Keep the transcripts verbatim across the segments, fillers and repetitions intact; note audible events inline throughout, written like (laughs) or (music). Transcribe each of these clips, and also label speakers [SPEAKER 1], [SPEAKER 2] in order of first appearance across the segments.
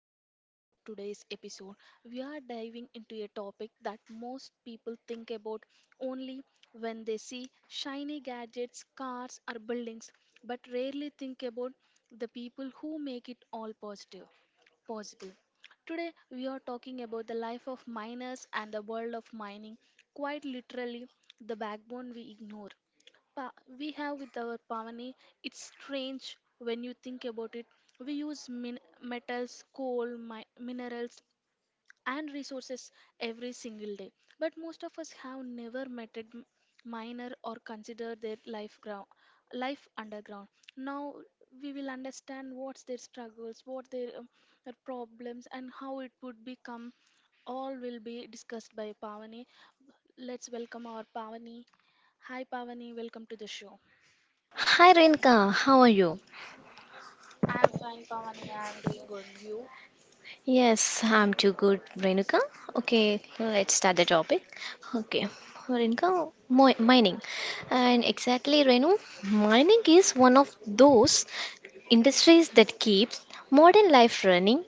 [SPEAKER 1] and welcome to today's episode. We are diving into a topic that most people think about only when they see shiny gadgets, cars, or buildings, but rarely think about the people who make it all positive possible. Today, we are talking about the life of miners and the world of mining, quite literally, the backbone we ignore pa- we have with our Pavani. It's strange when you think about it. We use min- metals, coal, mi- minerals, and resources every single day. But most of us have never met a m- miner or considered their life ground, life underground. Now we will understand what's their struggles, what their, um, their problems, and how it would become. All will be discussed by Pavani. Let's welcome our Pavani. Hi, Pavani. Welcome to the show.
[SPEAKER 2] Hi Renuka, how are you?
[SPEAKER 1] I am fine, Pavani. I am doing good. You?
[SPEAKER 2] Yes, I'm too good, Renuka. Okay, let's start the topic. Okay, Renuka, mi- mining. And exactly, Renu, mining is one of those industries that keeps modern life running,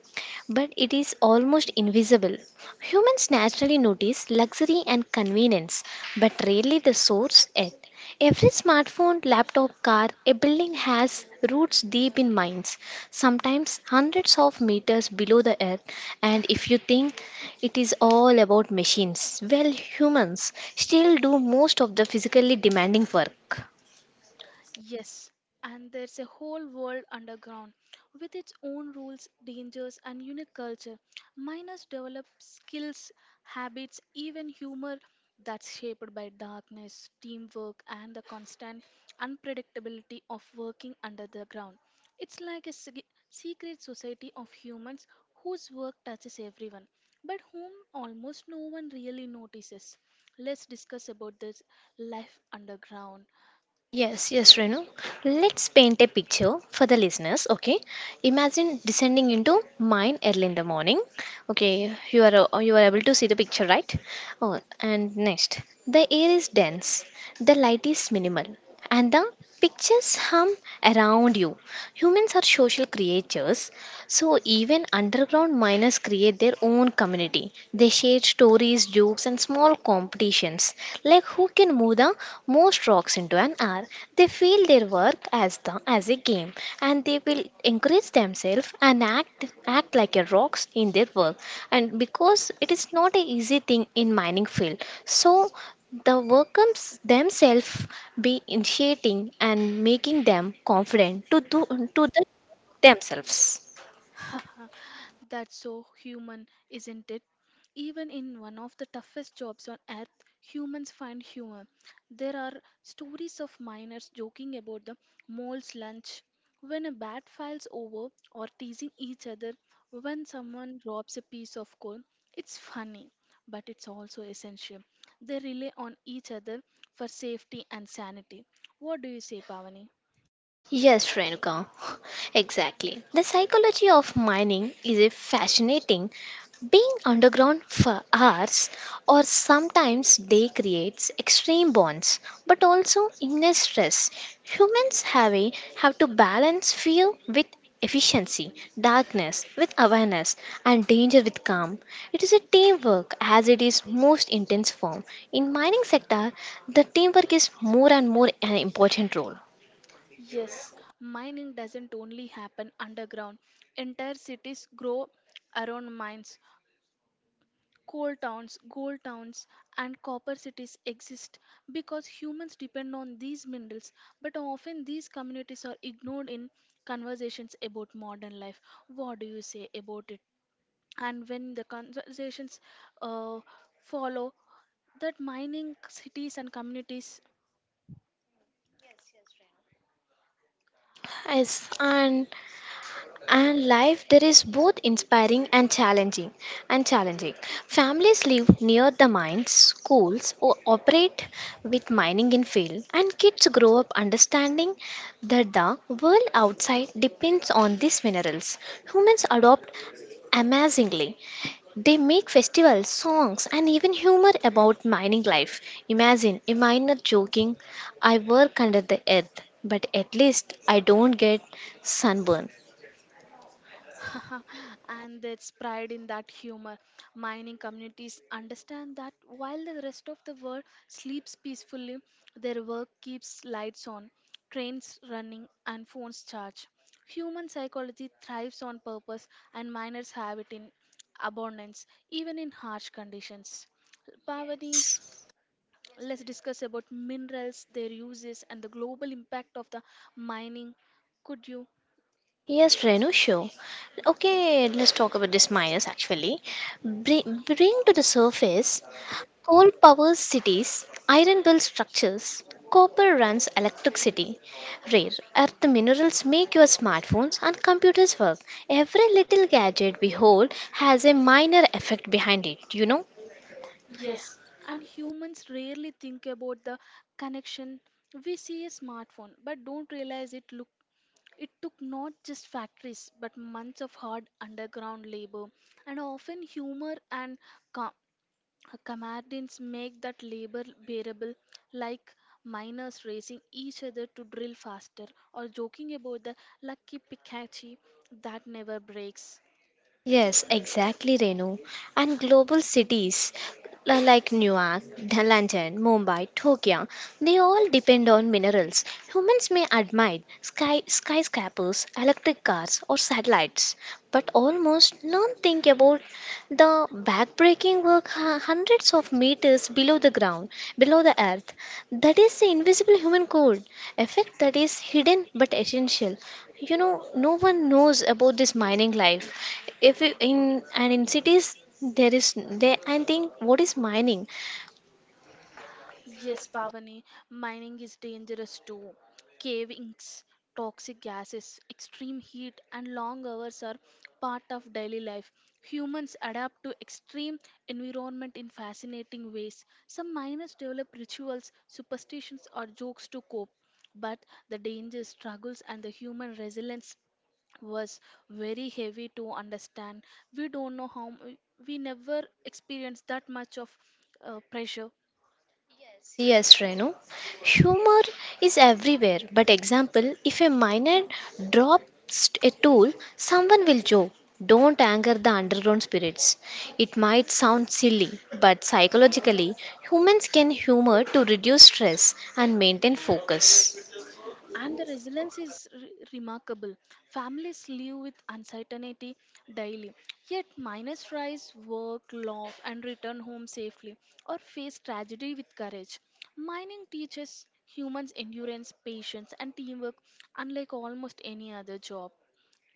[SPEAKER 2] but it is almost invisible. Humans naturally notice luxury and convenience, but rarely the source it. Every smartphone, laptop, car, a building has roots deep in mines, sometimes hundreds of meters below the earth. And if you think it is all about machines, well, humans still do most of the physically demanding work.
[SPEAKER 1] Yes, and there's a whole world underground with its own rules, dangers, and unique culture. Miners develop skills, habits, even humor that's shaped by darkness, teamwork, and the constant unpredictability of working under the ground. It's like a sig- secret society of humans whose work touches everyone, but whom almost no one really notices. Let's discuss about this life underground.
[SPEAKER 2] Yes, yes, Renu. Let's paint a picture for the listeners. Okay, imagine descending into mine early in the morning. Okay, you are uh, you are able to see the picture, right? Oh, and next, the air is dense, the light is minimal, and the pictures hum around you. Humans are social creatures, so even underground miners create their own community. They share stories, jokes, and small competitions, like who can move the most rocks into an hour. They feel their work as the as a game, and they will encourage themselves and act act like a rocks in their work. And because it is not an easy thing in mining field, so the workers themselves be initiating and making them confident to do to the themselves.
[SPEAKER 1] (laughs) That's so human, isn't it? Even in one of the toughest jobs on earth, humans find humor. There are stories of miners joking about the mole's lunch when a bat files over or teasing each other when someone robs a piece of coal. It's funny, but it's also essential. They rely on each other for safety and sanity. What do you say, Pavani?
[SPEAKER 2] Yes, Renuka, (laughs) exactly. The psychology of mining is a fascinating. Being underground for hours or sometimes day creates extreme bonds, but also inner stress. Humans have a have to balance fear with efficiency, darkness with awareness, and danger with calm. It is a teamwork as it is most intense form. In mining sector, the teamwork is more and more an important role.
[SPEAKER 1] Yes, mining doesn't only happen underground. Entire cities grow around mines. Coal towns, gold towns, and copper cities exist because humans depend on these minerals. But often these communities are ignored in conversations about modern life. What do you say about it? And when the conversations uh, follow, that mining cities and communities.
[SPEAKER 2] Yes, and and life there is both inspiring and challenging and challenging. Families live near the mines, schools o- operate with mining in field, and kids grow up understanding that the world outside depends on these minerals. Humans adopt amazingly they make festivals, songs, and even humor about mining life. Imagine a miner joking, I work under the earth, but at least I don't get sunburn.
[SPEAKER 1] (laughs) And its pride in that humor. Mining communities understand that while the rest of the world sleeps peacefully, their work keeps lights on, trains running, and phones charged. Human psychology thrives on purpose, and miners have it in abundance, even in harsh conditions. Pavani,
[SPEAKER 2] Yes.
[SPEAKER 1] yes, let's discuss about minerals, their uses, and the global impact of the mining. Could you—
[SPEAKER 2] Yes, Renu, sure. Okay, let's talk about these miners actually. Bring, bring to the surface. Coal powers cities, iron builds structures, copper runs electricity. Rare earth minerals make your smartphones and computers work. Every little gadget we hold has a minor effect behind it, you know?
[SPEAKER 1] yes, and humans rarely think about the connection. We see a smartphone but don't realize it look it took not just factories but months of hard underground labor and often humor and ca- comedians make that labor bearable, like miners racing each other to drill faster or joking about the lucky pickaxe that never breaks.
[SPEAKER 2] Yes, exactly, Renu. And global cities li- like Newark, Dh- London, Mumbai, Tokyo, they all depend on minerals. Humans may admire sky, skyscrapers, electric cars, or satellites, but almost don't think about the backbreaking work hu- hundreds of meters below the ground, below the earth. That is the invisible human code, effect that is hidden but essential. You know, no one knows about this mining life. If you- In and in cities there is they I think what is mining?
[SPEAKER 1] Yes, Pavani, mining is dangerous too. Cavings, toxic gases, extreme heat, and long hours are part of daily life. Humans adapt to extreme environment in fascinating ways. Some miners develop rituals, superstitions, or jokes to cope. But the danger, struggles, and the human resilience was very heavy to understand. We don't know how m- we never experienced that much of uh, pressure.
[SPEAKER 2] Yes, Renu. Humor is everywhere, but example, if a miner drops a tool, someone will joke. Don't anger the underground spirits. It might sound silly, but psychologically, humans can humor to reduce stress and maintain focus.
[SPEAKER 1] And the resilience is re- remarkable. Families live with uncertainty daily, yet miners rise, work, love, and return home safely or face tragedy with courage. Mining teaches humans endurance, patience, and teamwork unlike almost any other job.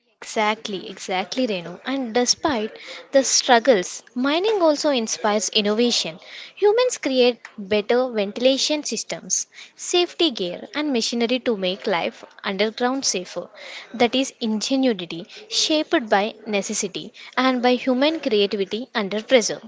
[SPEAKER 2] Exactly, exactly, Renu. And despite the struggles, mining also inspires innovation. Humans create better ventilation systems, safety gear, and machinery to make life underground safer. That is ingenuity shaped by necessity and by human creativity under pressure.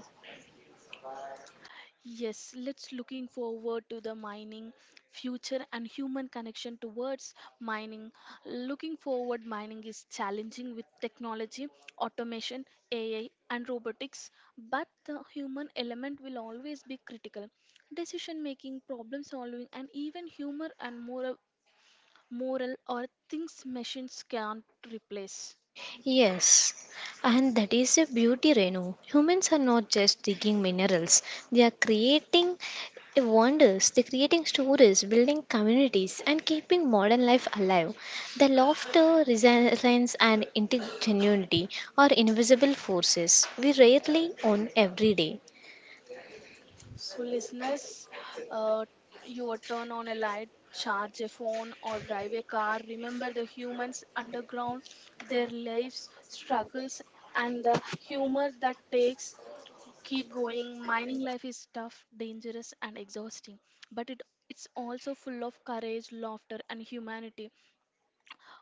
[SPEAKER 1] Yes, let's looking forward to the mining future and human connection towards mining. Looking forward, mining is challenging with technology, automation, A I, and robotics, but the human element will always be critical. Decision making, problem solving, and even humor and moral, moral are things machines can't replace.
[SPEAKER 2] Yes, and that is a beauty, Renu. Humans are not just digging minerals, they are creating wonders, they're creating stories, building communities, and keeping modern life alive. The laughter, resilience, and ingenuity are invisible forces we rarely own every day.
[SPEAKER 1] So, listeners, uh, you turn on a light, charge a phone, or drive a car. Remember the humans underground, their lives, struggles, and the humor that takes keep going. Mining life is tough, dangerous, and exhausting, but it it's also full of courage, laughter, and humanity.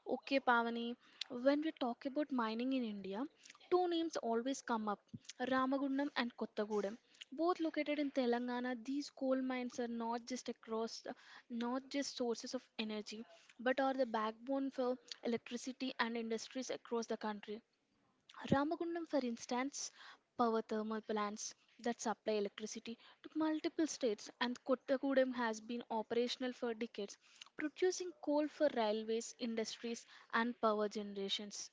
[SPEAKER 1] Okay, Pavani, when we talk about mining in India, two names always come up: Ramagundam and Kottagudam. Both located in Telangana, these coal mines are not just across, not just sources of energy, but are the backbone for electricity and industries across the country. Ramagundam, for instance, power thermal plants that supply electricity to multiple states, and Kottagudam has been operational for decades, producing coal for railways, industries, and power generations.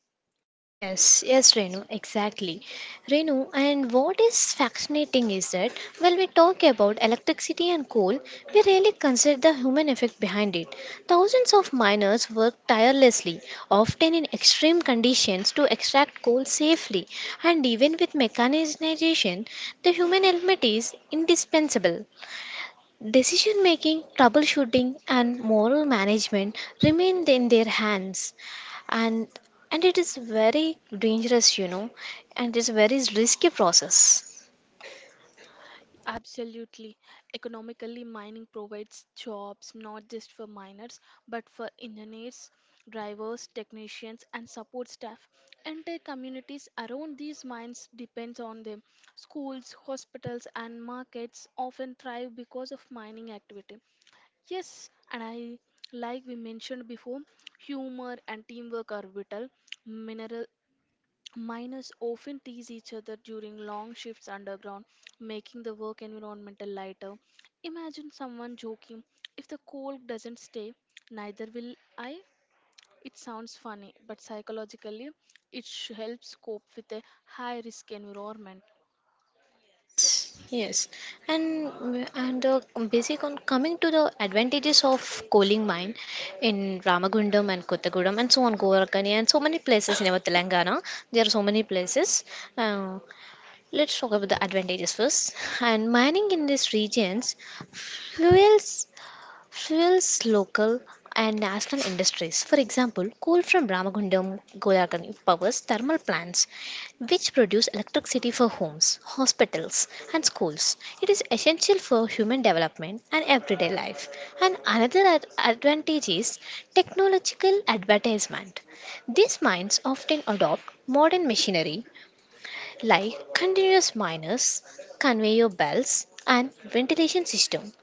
[SPEAKER 2] Yes, yes, Renu, exactly. Renu, and what is fascinating is that when we talk about electricity and coal, we rarely consider the human effect behind it. Thousands of miners work tirelessly, often in extreme conditions, to extract coal safely, and even with mechanization, the human element is indispensable. Decision making, troubleshooting, and moral management remain in their hands, and and it is very dangerous, you know, and it's very risky process.
[SPEAKER 1] Absolutely. Economically, mining provides jobs not just for miners, but for engineers, drivers, technicians, and support staff. Entire communities around these mines depends on them. Schools, hospitals, and markets often thrive because of mining activity. Yes, and I like we mentioned before, humor and teamwork are vital. Mineral Miners often tease each other during long shifts underground, making the work environment a lighter. Imagine someone joking, if the coal doesn't stay, neither will I. It sounds funny, but psychologically, it sh- helps cope with a high risk environment.
[SPEAKER 2] Yes, and and uh, basic on coming to the advantages of coaling mine in Ramagundam and Kottagudam and so on Govarkani and so many places in our Telangana, there are so many places. uh, let's talk about the advantages first. And mining in these regions fuels fuels local and national industries. For example, coal from Ramagundam Golagani powers thermal plants which produce electricity for homes, hospitals, and schools. It is essential for human development and everyday life. And another ad- advantage is technological advertisement. These mines often adopt modern machinery like continuous miners, conveyor belts, and ventilation system,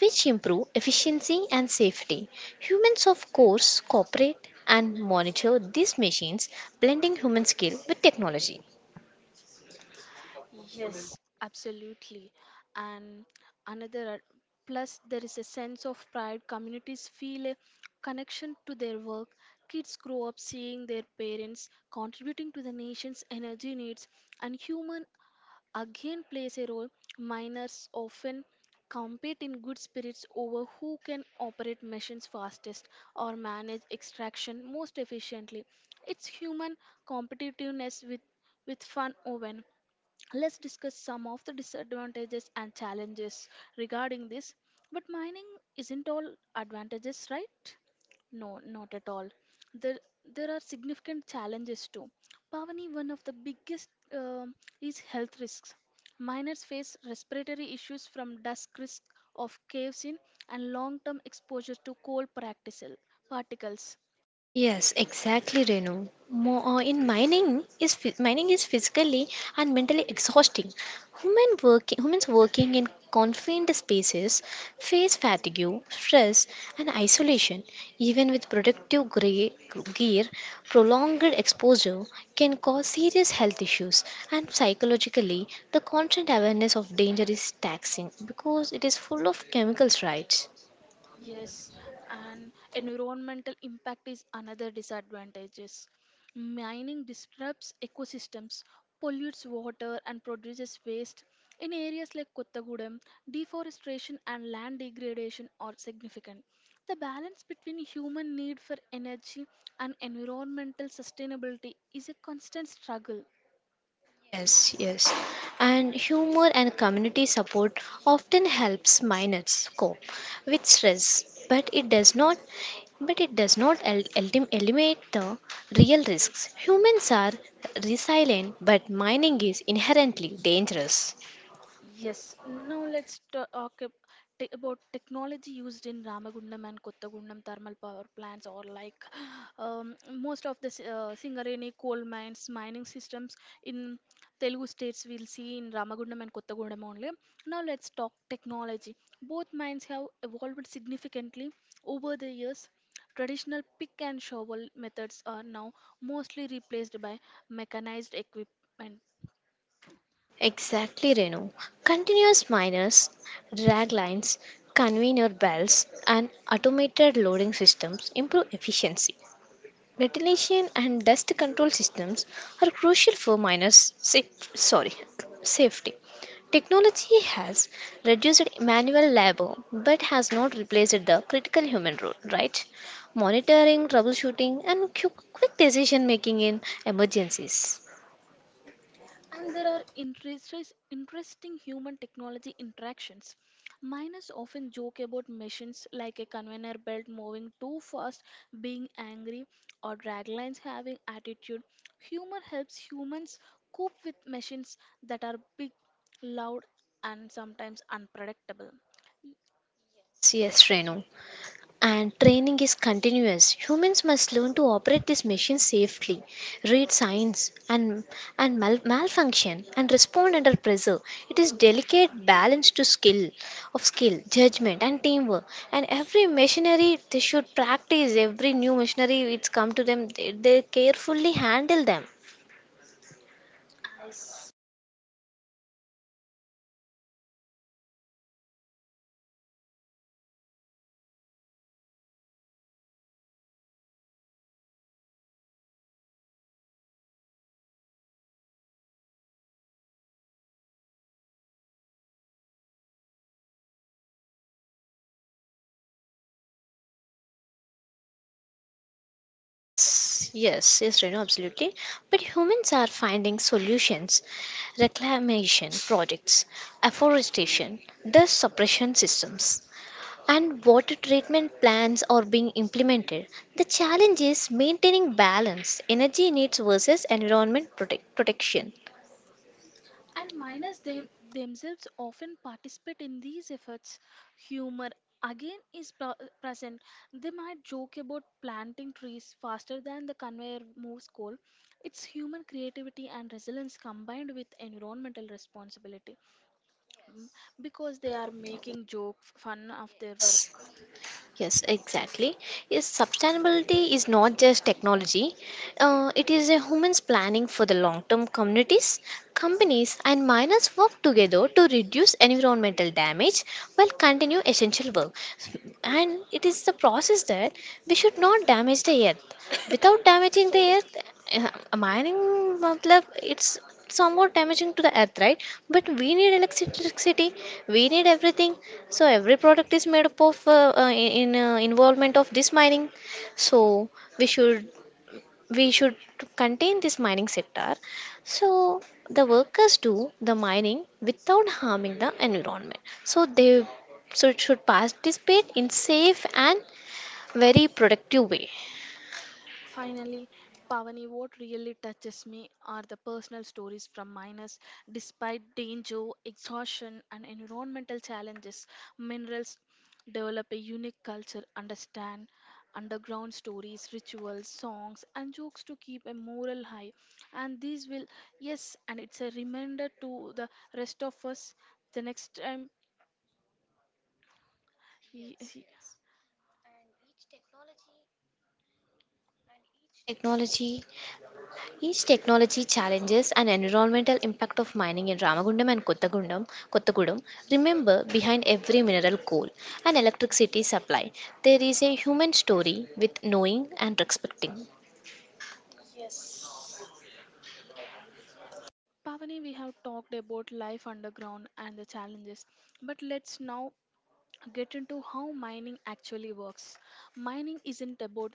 [SPEAKER 2] which improve efficiency and safety. Humans, of course, cooperate and monitor these machines, blending human skill with technology.
[SPEAKER 1] Yes, absolutely. And another ad- plus there is a sense of pride. Communities feel a connection to their work. Kids grow up seeing their parents contributing to the nation's energy needs and human again plays a role. Miners often compete in good spirits over who can operate machines fastest or manage extraction most efficiently. It's human competitiveness with with fun woven. Let's discuss some of the disadvantages and challenges regarding this. But mining isn't all advantages, right? No, not at all. There, there are significant challenges too. Pavani, one of the biggest um is health risks. Miners face respiratory issues from dusk risk of caves in and long-term exposure to coal practical particles.
[SPEAKER 2] Yes, exactly, Renu. Mo- uh, in mining is phy- mining is physically and mentally exhausting. Human working humans working in confined spaces face fatigue, stress, and isolation. Even with productive gre- gear, prolonged exposure can cause serious health issues. And psychologically, the constant awareness of danger is taxing because it is full of chemicals, right?
[SPEAKER 1] Yes, and environmental impact is another disadvantages. Mining disrupts ecosystems, pollutes water and produces waste. In areas like Kottagudam, deforestation and land degradation are significant. The balance between human need for energy and environmental sustainability is a constant struggle.
[SPEAKER 2] Yes, yes. And humor and community support often helps minors cope with stress, but it does not but it does not el- eldim- eliminate the real risks. Humans are resilient, but mining is inherently dangerous.
[SPEAKER 1] Yes, now let's talk ab- t- about technology used in Ramagundam and Kottagundam thermal power plants, or like (sighs) um, most of the s- uh, Singareni coal mines, mining systems in Telugu states we'll see in Ramagundam and Kottagundam only. Now let's talk technology. Both mines have evolved significantly over the years. Traditional pick and shovel methods are now mostly replaced by mechanized equipment.
[SPEAKER 2] Exactly, Renu. Continuous miners, drag lines, conveyor belts, and automated loading systems improve efficiency. Ventilation and dust control systems are crucial for miners' saf- sorry, safety. Technology has reduced manual labor but has not replaced the critical human role, right? Monitoring, troubleshooting, and qu- quick decision making in emergencies.
[SPEAKER 1] And there are interest, interesting human technology interactions. Miners often joke about machines like a conveyor belt moving too fast, being angry, or draglines having attitude. Humor helps humans cope with machines that are big, loud, and sometimes unpredictable.
[SPEAKER 2] Yes, yes, Renu. And training is continuous. Humans must learn to operate these machines safely, read signs and, and mal- malfunction, and respond under pressure. It is delicate balance to skill, of skill, judgment, and teamwork. And every machinery they should practice. Every new machinery it's come to them, they, they carefully handle them. Yes, yes, yes, Renu, absolutely. But humans are finding solutions: reclamation projects, afforestation, dust suppression systems, and water treatment plants are being implemented. The challenge is maintaining balance, energy needs versus environment protect- protection.
[SPEAKER 1] And minors them, themselves often participate in these efforts. Humor again is pro- present. They might joke about planting trees faster than the conveyor moves coal. It's human creativity and resilience combined with environmental responsibility. Mm, because they are making joke fun of their
[SPEAKER 2] Yes.
[SPEAKER 1] work.
[SPEAKER 2] Yes, exactly. Yes, sustainability is not just technology. Uh, it is a human's planning for the long-term communities, companies, and miners work together to reduce environmental damage while continue essential work. And it is the process that we should not damage the earth without damaging the earth. Uh, mining matlab it's somewhat damaging to the earth, right? But we need electricity, we need everything, so every product is made up of uh, uh, in uh, involvement of this mining. So we should we should contain this mining sector, so the workers do the mining without harming the environment, so they, so it should participate in safe and very productive way.
[SPEAKER 1] Finally, Pavani, what really touches me are the personal stories from miners. Despite danger, exhaustion, and environmental challenges, minerals develop a unique culture, understand underground stories, rituals, songs, and jokes to keep a moral high. And these will, yes, and it's a reminder to the rest of us the next time. y- y-
[SPEAKER 2] Technology. Each technology challenges and environmental impact of mining in Ramagundam and Kottagundam, Kottagudam. Remember, behind every mineral, coal, and electricity supply, there is a human story with knowing and respecting.
[SPEAKER 1] Pavani, we have talked about life underground and the challenges, but let's now get into how mining actually works. Mining isn't about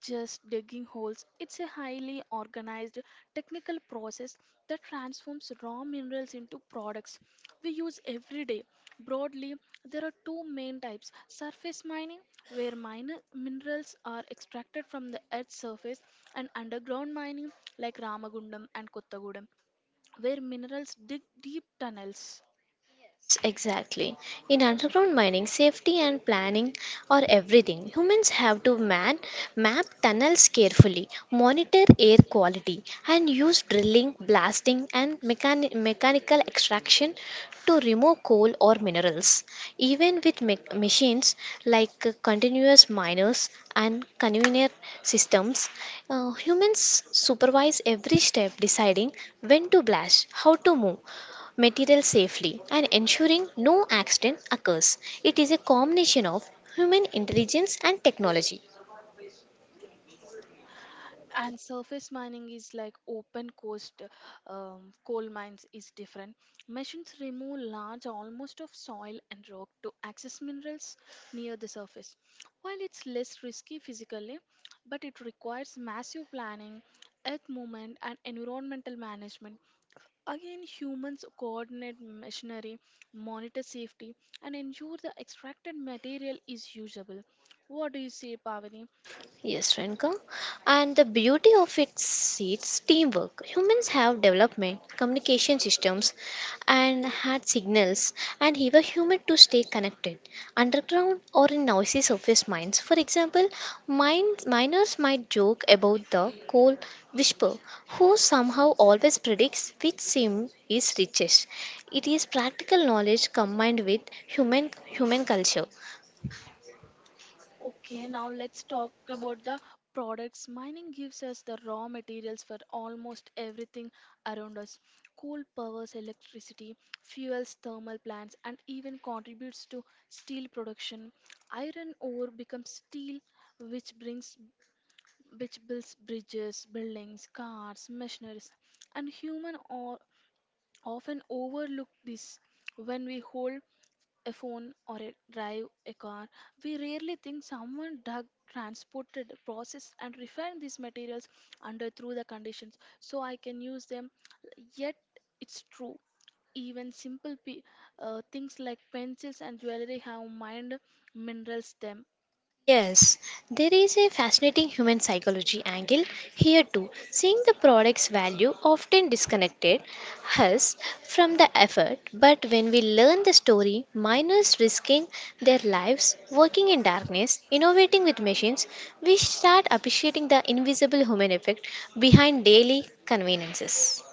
[SPEAKER 1] just digging holes, it's a highly organized technical process that transforms raw minerals into products we use every day. Broadly, there are two main types: surface mining, where mine- minerals are extracted from the earth's surface, and underground mining, like Ramagundam and Kottagudam, where minerals dig deep tunnels.
[SPEAKER 2] Yes, exactly. In underground mining, safety and planning are everything. Humans have to man map tunnels carefully, monitor air quality, and use drilling, blasting, and mechani- mechanical extraction to remove coal or minerals. Even with mech- machines like uh, continuous miners and conveyor systems, uh, humans supervise every step, deciding when to blast, how to move material safely and ensuring no accident occurs. It is a combination of human intelligence and technology.
[SPEAKER 1] And surface mining is like open coast um, coal mines is different. Machines remove large almost of soil and rock to access minerals near the surface. While it's less risky physically, but it requires massive planning, earth movement and environmental management. Again humans coordinate machinery, monitor safety, and ensure the extracted material is usable. What do you say, Pavani?
[SPEAKER 2] Yes, Renka. And the beauty of it is teamwork. Humans have development, communication systems, and had signals, and he were human to stay connected underground or in noisy surface mines. For example, mines, miners might joke about the coal whisperer, who somehow always predicts which seam is richest. It is practical knowledge combined with human human culture.
[SPEAKER 1] Okay, now let's talk about the products. Mining gives us the raw materials for almost everything around us. Coal powers electricity, fuels thermal plants, and even contributes to steel production. Iron ore becomes steel, which brings which builds bridges, buildings, cars, machineries, and human or often overlook this when we hold a phone or a drive a car, we rarely think someone dug, transported, processed, and refined these materials under through the conditions so I can use them. Yet it's true. Even simple pe- uh, things like pencils and jewelry have mined minerals them.
[SPEAKER 2] Yes, there is a fascinating human psychology angle here too. Seeing the product's value often disconnected us from the effort, but when we learn the story, miners risking their lives, working in darkness, innovating with machines, we start appreciating the invisible human effect behind daily conveniences.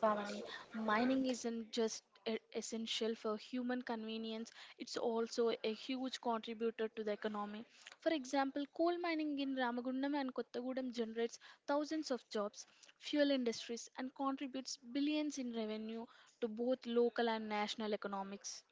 [SPEAKER 1] Pavani. Mining isn't just e- essential for human convenience, it's also a huge contributor to the economy. For example, coal mining in Ramagundam and Kottagudam generates thousands of jobs, fuel industries, and contributes billions in revenue to both local and national economics.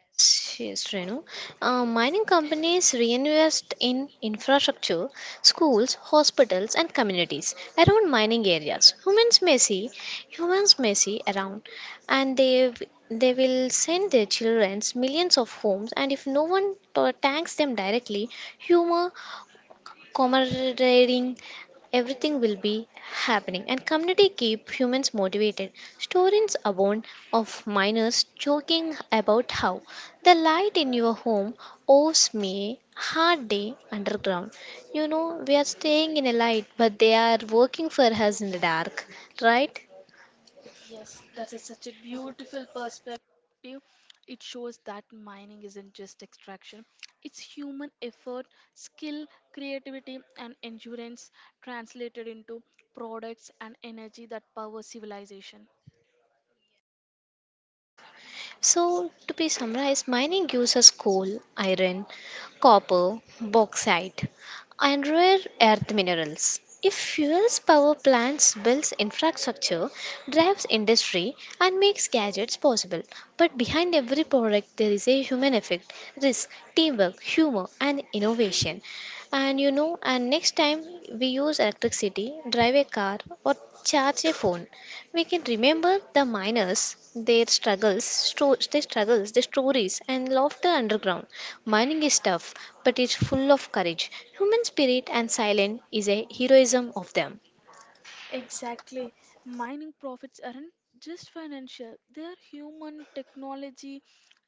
[SPEAKER 2] Yes, yes, Renu. Uh, mining companies reinvest in infrastructure, schools, hospitals, and communities around mining areas. Humans may see, humans may see around, and they w- they will send their children millions of homes. And if no one to- thanks them directly, humor camaraderie, everything will be happening. And community keep humans motivated. Stories abound of miners joking about how the light in your home owes me hard day underground. You know, we are staying in a light, but they are working for us in the dark, right?
[SPEAKER 1] Yes, that is such a beautiful perspective. It shows that mining isn't just extraction, it's human effort, skill, creativity, and endurance translated into products and energy that power civilization.
[SPEAKER 2] So, to be summarized, mining uses coal, iron, copper, bauxite, and rare earth minerals. It fuels power plants, builds infrastructure, drives industry, and makes gadgets possible. But behind every product, there is a human effect, risk, teamwork, humor, and innovation. And you know, and next time we use electricity, drive a car, or charge a phone, we can remember the miners, their struggles, sto- their struggles, their stories, and laughter underground. Mining is tough, but it's full of courage. Human spirit and silence is a heroism of them.
[SPEAKER 1] Exactly. Mining profits aren't just financial, they're human, technology,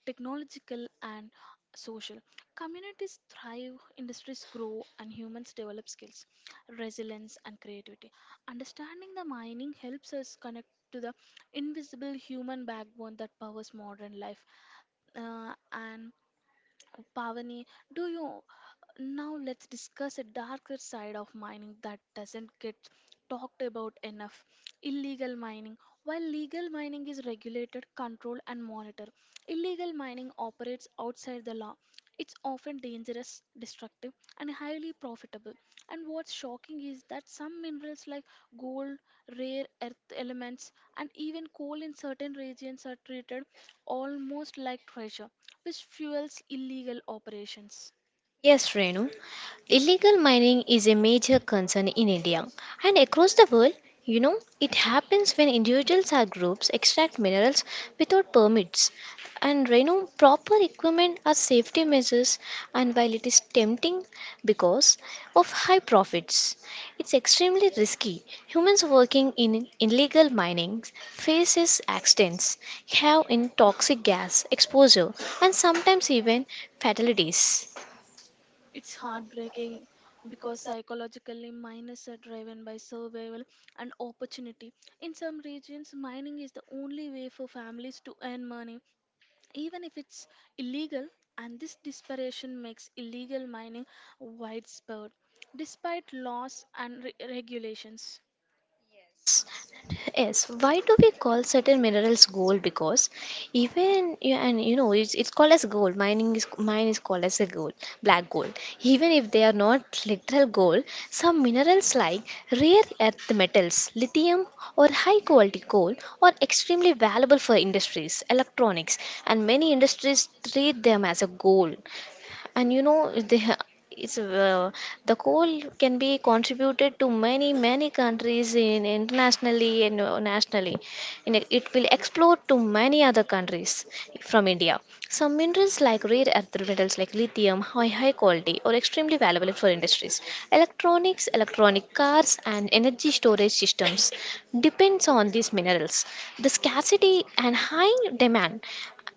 [SPEAKER 1] technological, and social. Communities thrive, industries grow, and humans develop skills, resilience, and creativity. Understanding the mining helps us connect to the invisible human backbone that powers modern life. Uh, and Pavani, do you— now let's discuss a darker side of mining that doesn't get talked about enough: illegal mining. While legal mining is regulated, controlled, and monitored, illegal mining operates outside the law. It's often dangerous, destructive, and highly profitable. And what's shocking is that some minerals like gold, rare earth elements, and even coal in certain regions are treated almost like treasure, which fuels illegal operations.
[SPEAKER 2] Yes, Renu. Illegal mining is a major concern in India and across the world. You know, it happens when individuals or groups extract minerals without permits and you know, proper equipment or safety measures. And while it is tempting because of high profits, it's extremely risky. Humans working in illegal mining faces accidents, have in toxic gas exposure, and sometimes even fatalities.
[SPEAKER 1] It's heartbreaking because psychologically miners are driven by survival and opportunity. In some regions, mining is the only way for families to earn money even if it's illegal, and this desperation makes illegal mining widespread despite laws and re- regulations.
[SPEAKER 2] Yes, yes. Why do we call certain minerals gold? Because even yeah, and you know it's, it's called as gold. Mining is mine is called as a gold, black gold. Even if they are not literal gold, some minerals like rare earth metals, lithium, or high quality coal are extremely valuable for industries, electronics, and many industries treat them as a gold. And you know they ha- it's uh, the coal can be contributed to many many countries in internationally and uh, nationally, and it will explore to many other countries from India. Some minerals like rare earth metals like lithium are high quality or extremely valuable for industries. Electronics, electronic cars and energy storage systems depends on these minerals. The scarcity and high demand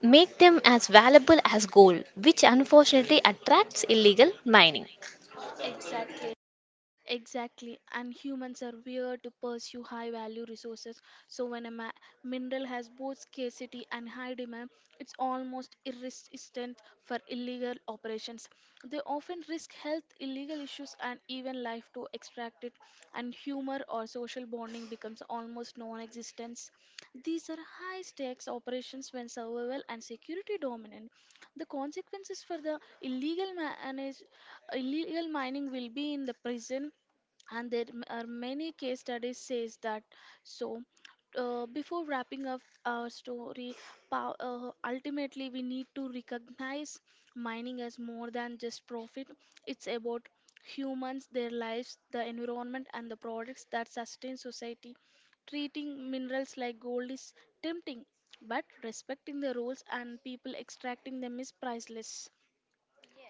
[SPEAKER 2] make them as valuable as gold, which unfortunately attracts illegal mining.
[SPEAKER 1] Exactly, and humans are weird to pursue high value resources. So, when a ma- mineral has both scarcity and high demand, it's almost irresistant for illegal operations. They often risk health, illegal issues, and even life to extract it, and humor or social bonding becomes almost non existence. These are high stakes operations when survival and security dominant. The consequences for the illegal manage, illegal mining will be in the prison, and there m- are many case studies says that. So, uh, before wrapping up our story, pow- uh, ultimately we need to recognize mining as more than just profit. It's about humans, their lives, the environment and the products that sustain society. Treating minerals like gold is tempting, but respecting the rules and people extracting them is priceless.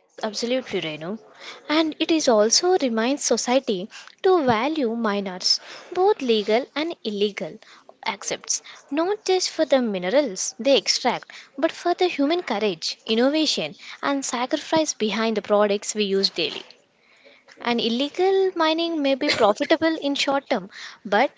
[SPEAKER 2] Yes, absolutely, Renu. And it is also reminds society to value minors, both legal and illegal accepts, not just for the minerals they extract, but for the human courage, innovation, and sacrifice behind the products we use daily.
[SPEAKER 1] Hmm.
[SPEAKER 2] And illegal mining may be profitable in short term, but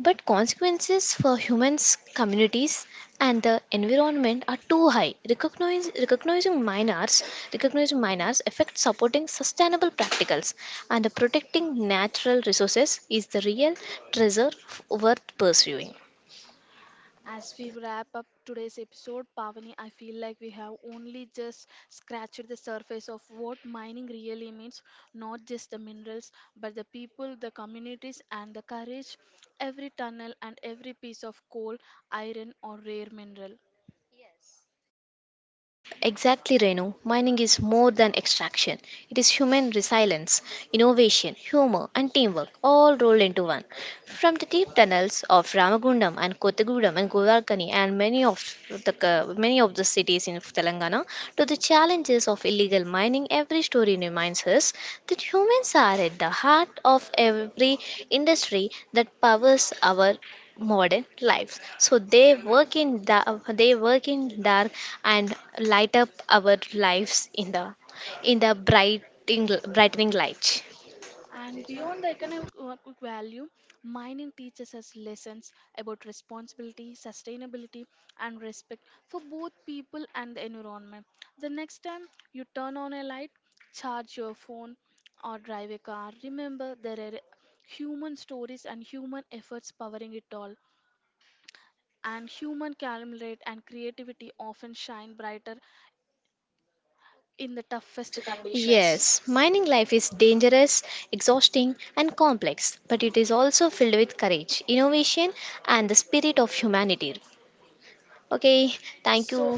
[SPEAKER 2] but consequences for humans, communities, and the environment are too high. Recognize, recognizing minors, recognizing minors affects supporting sustainable practicals and protecting natural resources is the real treasure f- worth pursuing.
[SPEAKER 1] As we wrap up today's episode, Pavani, I feel like we have only just scratched the surface of what mining really means, not just the minerals, but the people, the communities, and the courage every tunnel and every piece of coal, iron, or rare mineral.
[SPEAKER 2] Exactly, Renu. Mining is more than extraction. It is human resilience, innovation, humor, and teamwork all rolled into one. From the deep tunnels of Ramagundam and Kottagudam and Govarkani and many of the uh, many of the cities in Telangana to the challenges of illegal mining, every story reminds us that humans are at the heart of every industry that powers our modern lives, so they work in da- they work in dark and light up our lives in the in the brightening brightening light.
[SPEAKER 1] And beyond the economic wa- value, mining teaches us lessons about responsibility, sustainability, and respect for both people and the environment. The next time you turn on a light, charge your phone, or drive a car, remember there are human stories and human efforts powering it all. And human calmness and creativity often shine brighter in the toughest conditions.
[SPEAKER 2] Yes, mining life is dangerous, exhausting, and complex, but it is also filled with courage, innovation, and the spirit of humanity. Okay, thank
[SPEAKER 1] So,
[SPEAKER 2] you.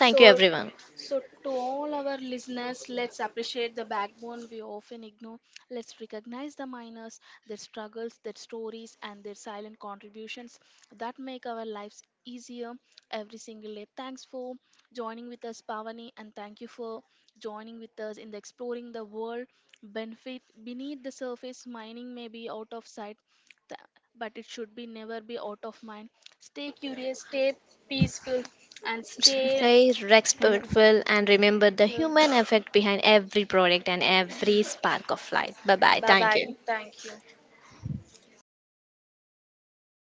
[SPEAKER 2] Thank
[SPEAKER 1] so
[SPEAKER 2] you, everyone.
[SPEAKER 1] so, to all our listeners, let's appreciate the backbone we often ignore. Let's recognize the miners, their struggles, their stories, and their silent contributions that make our lives easier every single day. Thanks for joining with us, Pavani, and thank you for joining with us in the exploring the world benefit beneath the surface. Mining may be out of sight, th- but it should be never be out of mind. Stay curious, stay peaceful, and stay—
[SPEAKER 2] Stay
[SPEAKER 1] you
[SPEAKER 2] respectful and remember the
[SPEAKER 1] know,
[SPEAKER 2] human effect behind every product and every spark of light. Bye bye.
[SPEAKER 1] bye
[SPEAKER 2] Thank
[SPEAKER 1] bye.
[SPEAKER 2] you.
[SPEAKER 1] Thank you.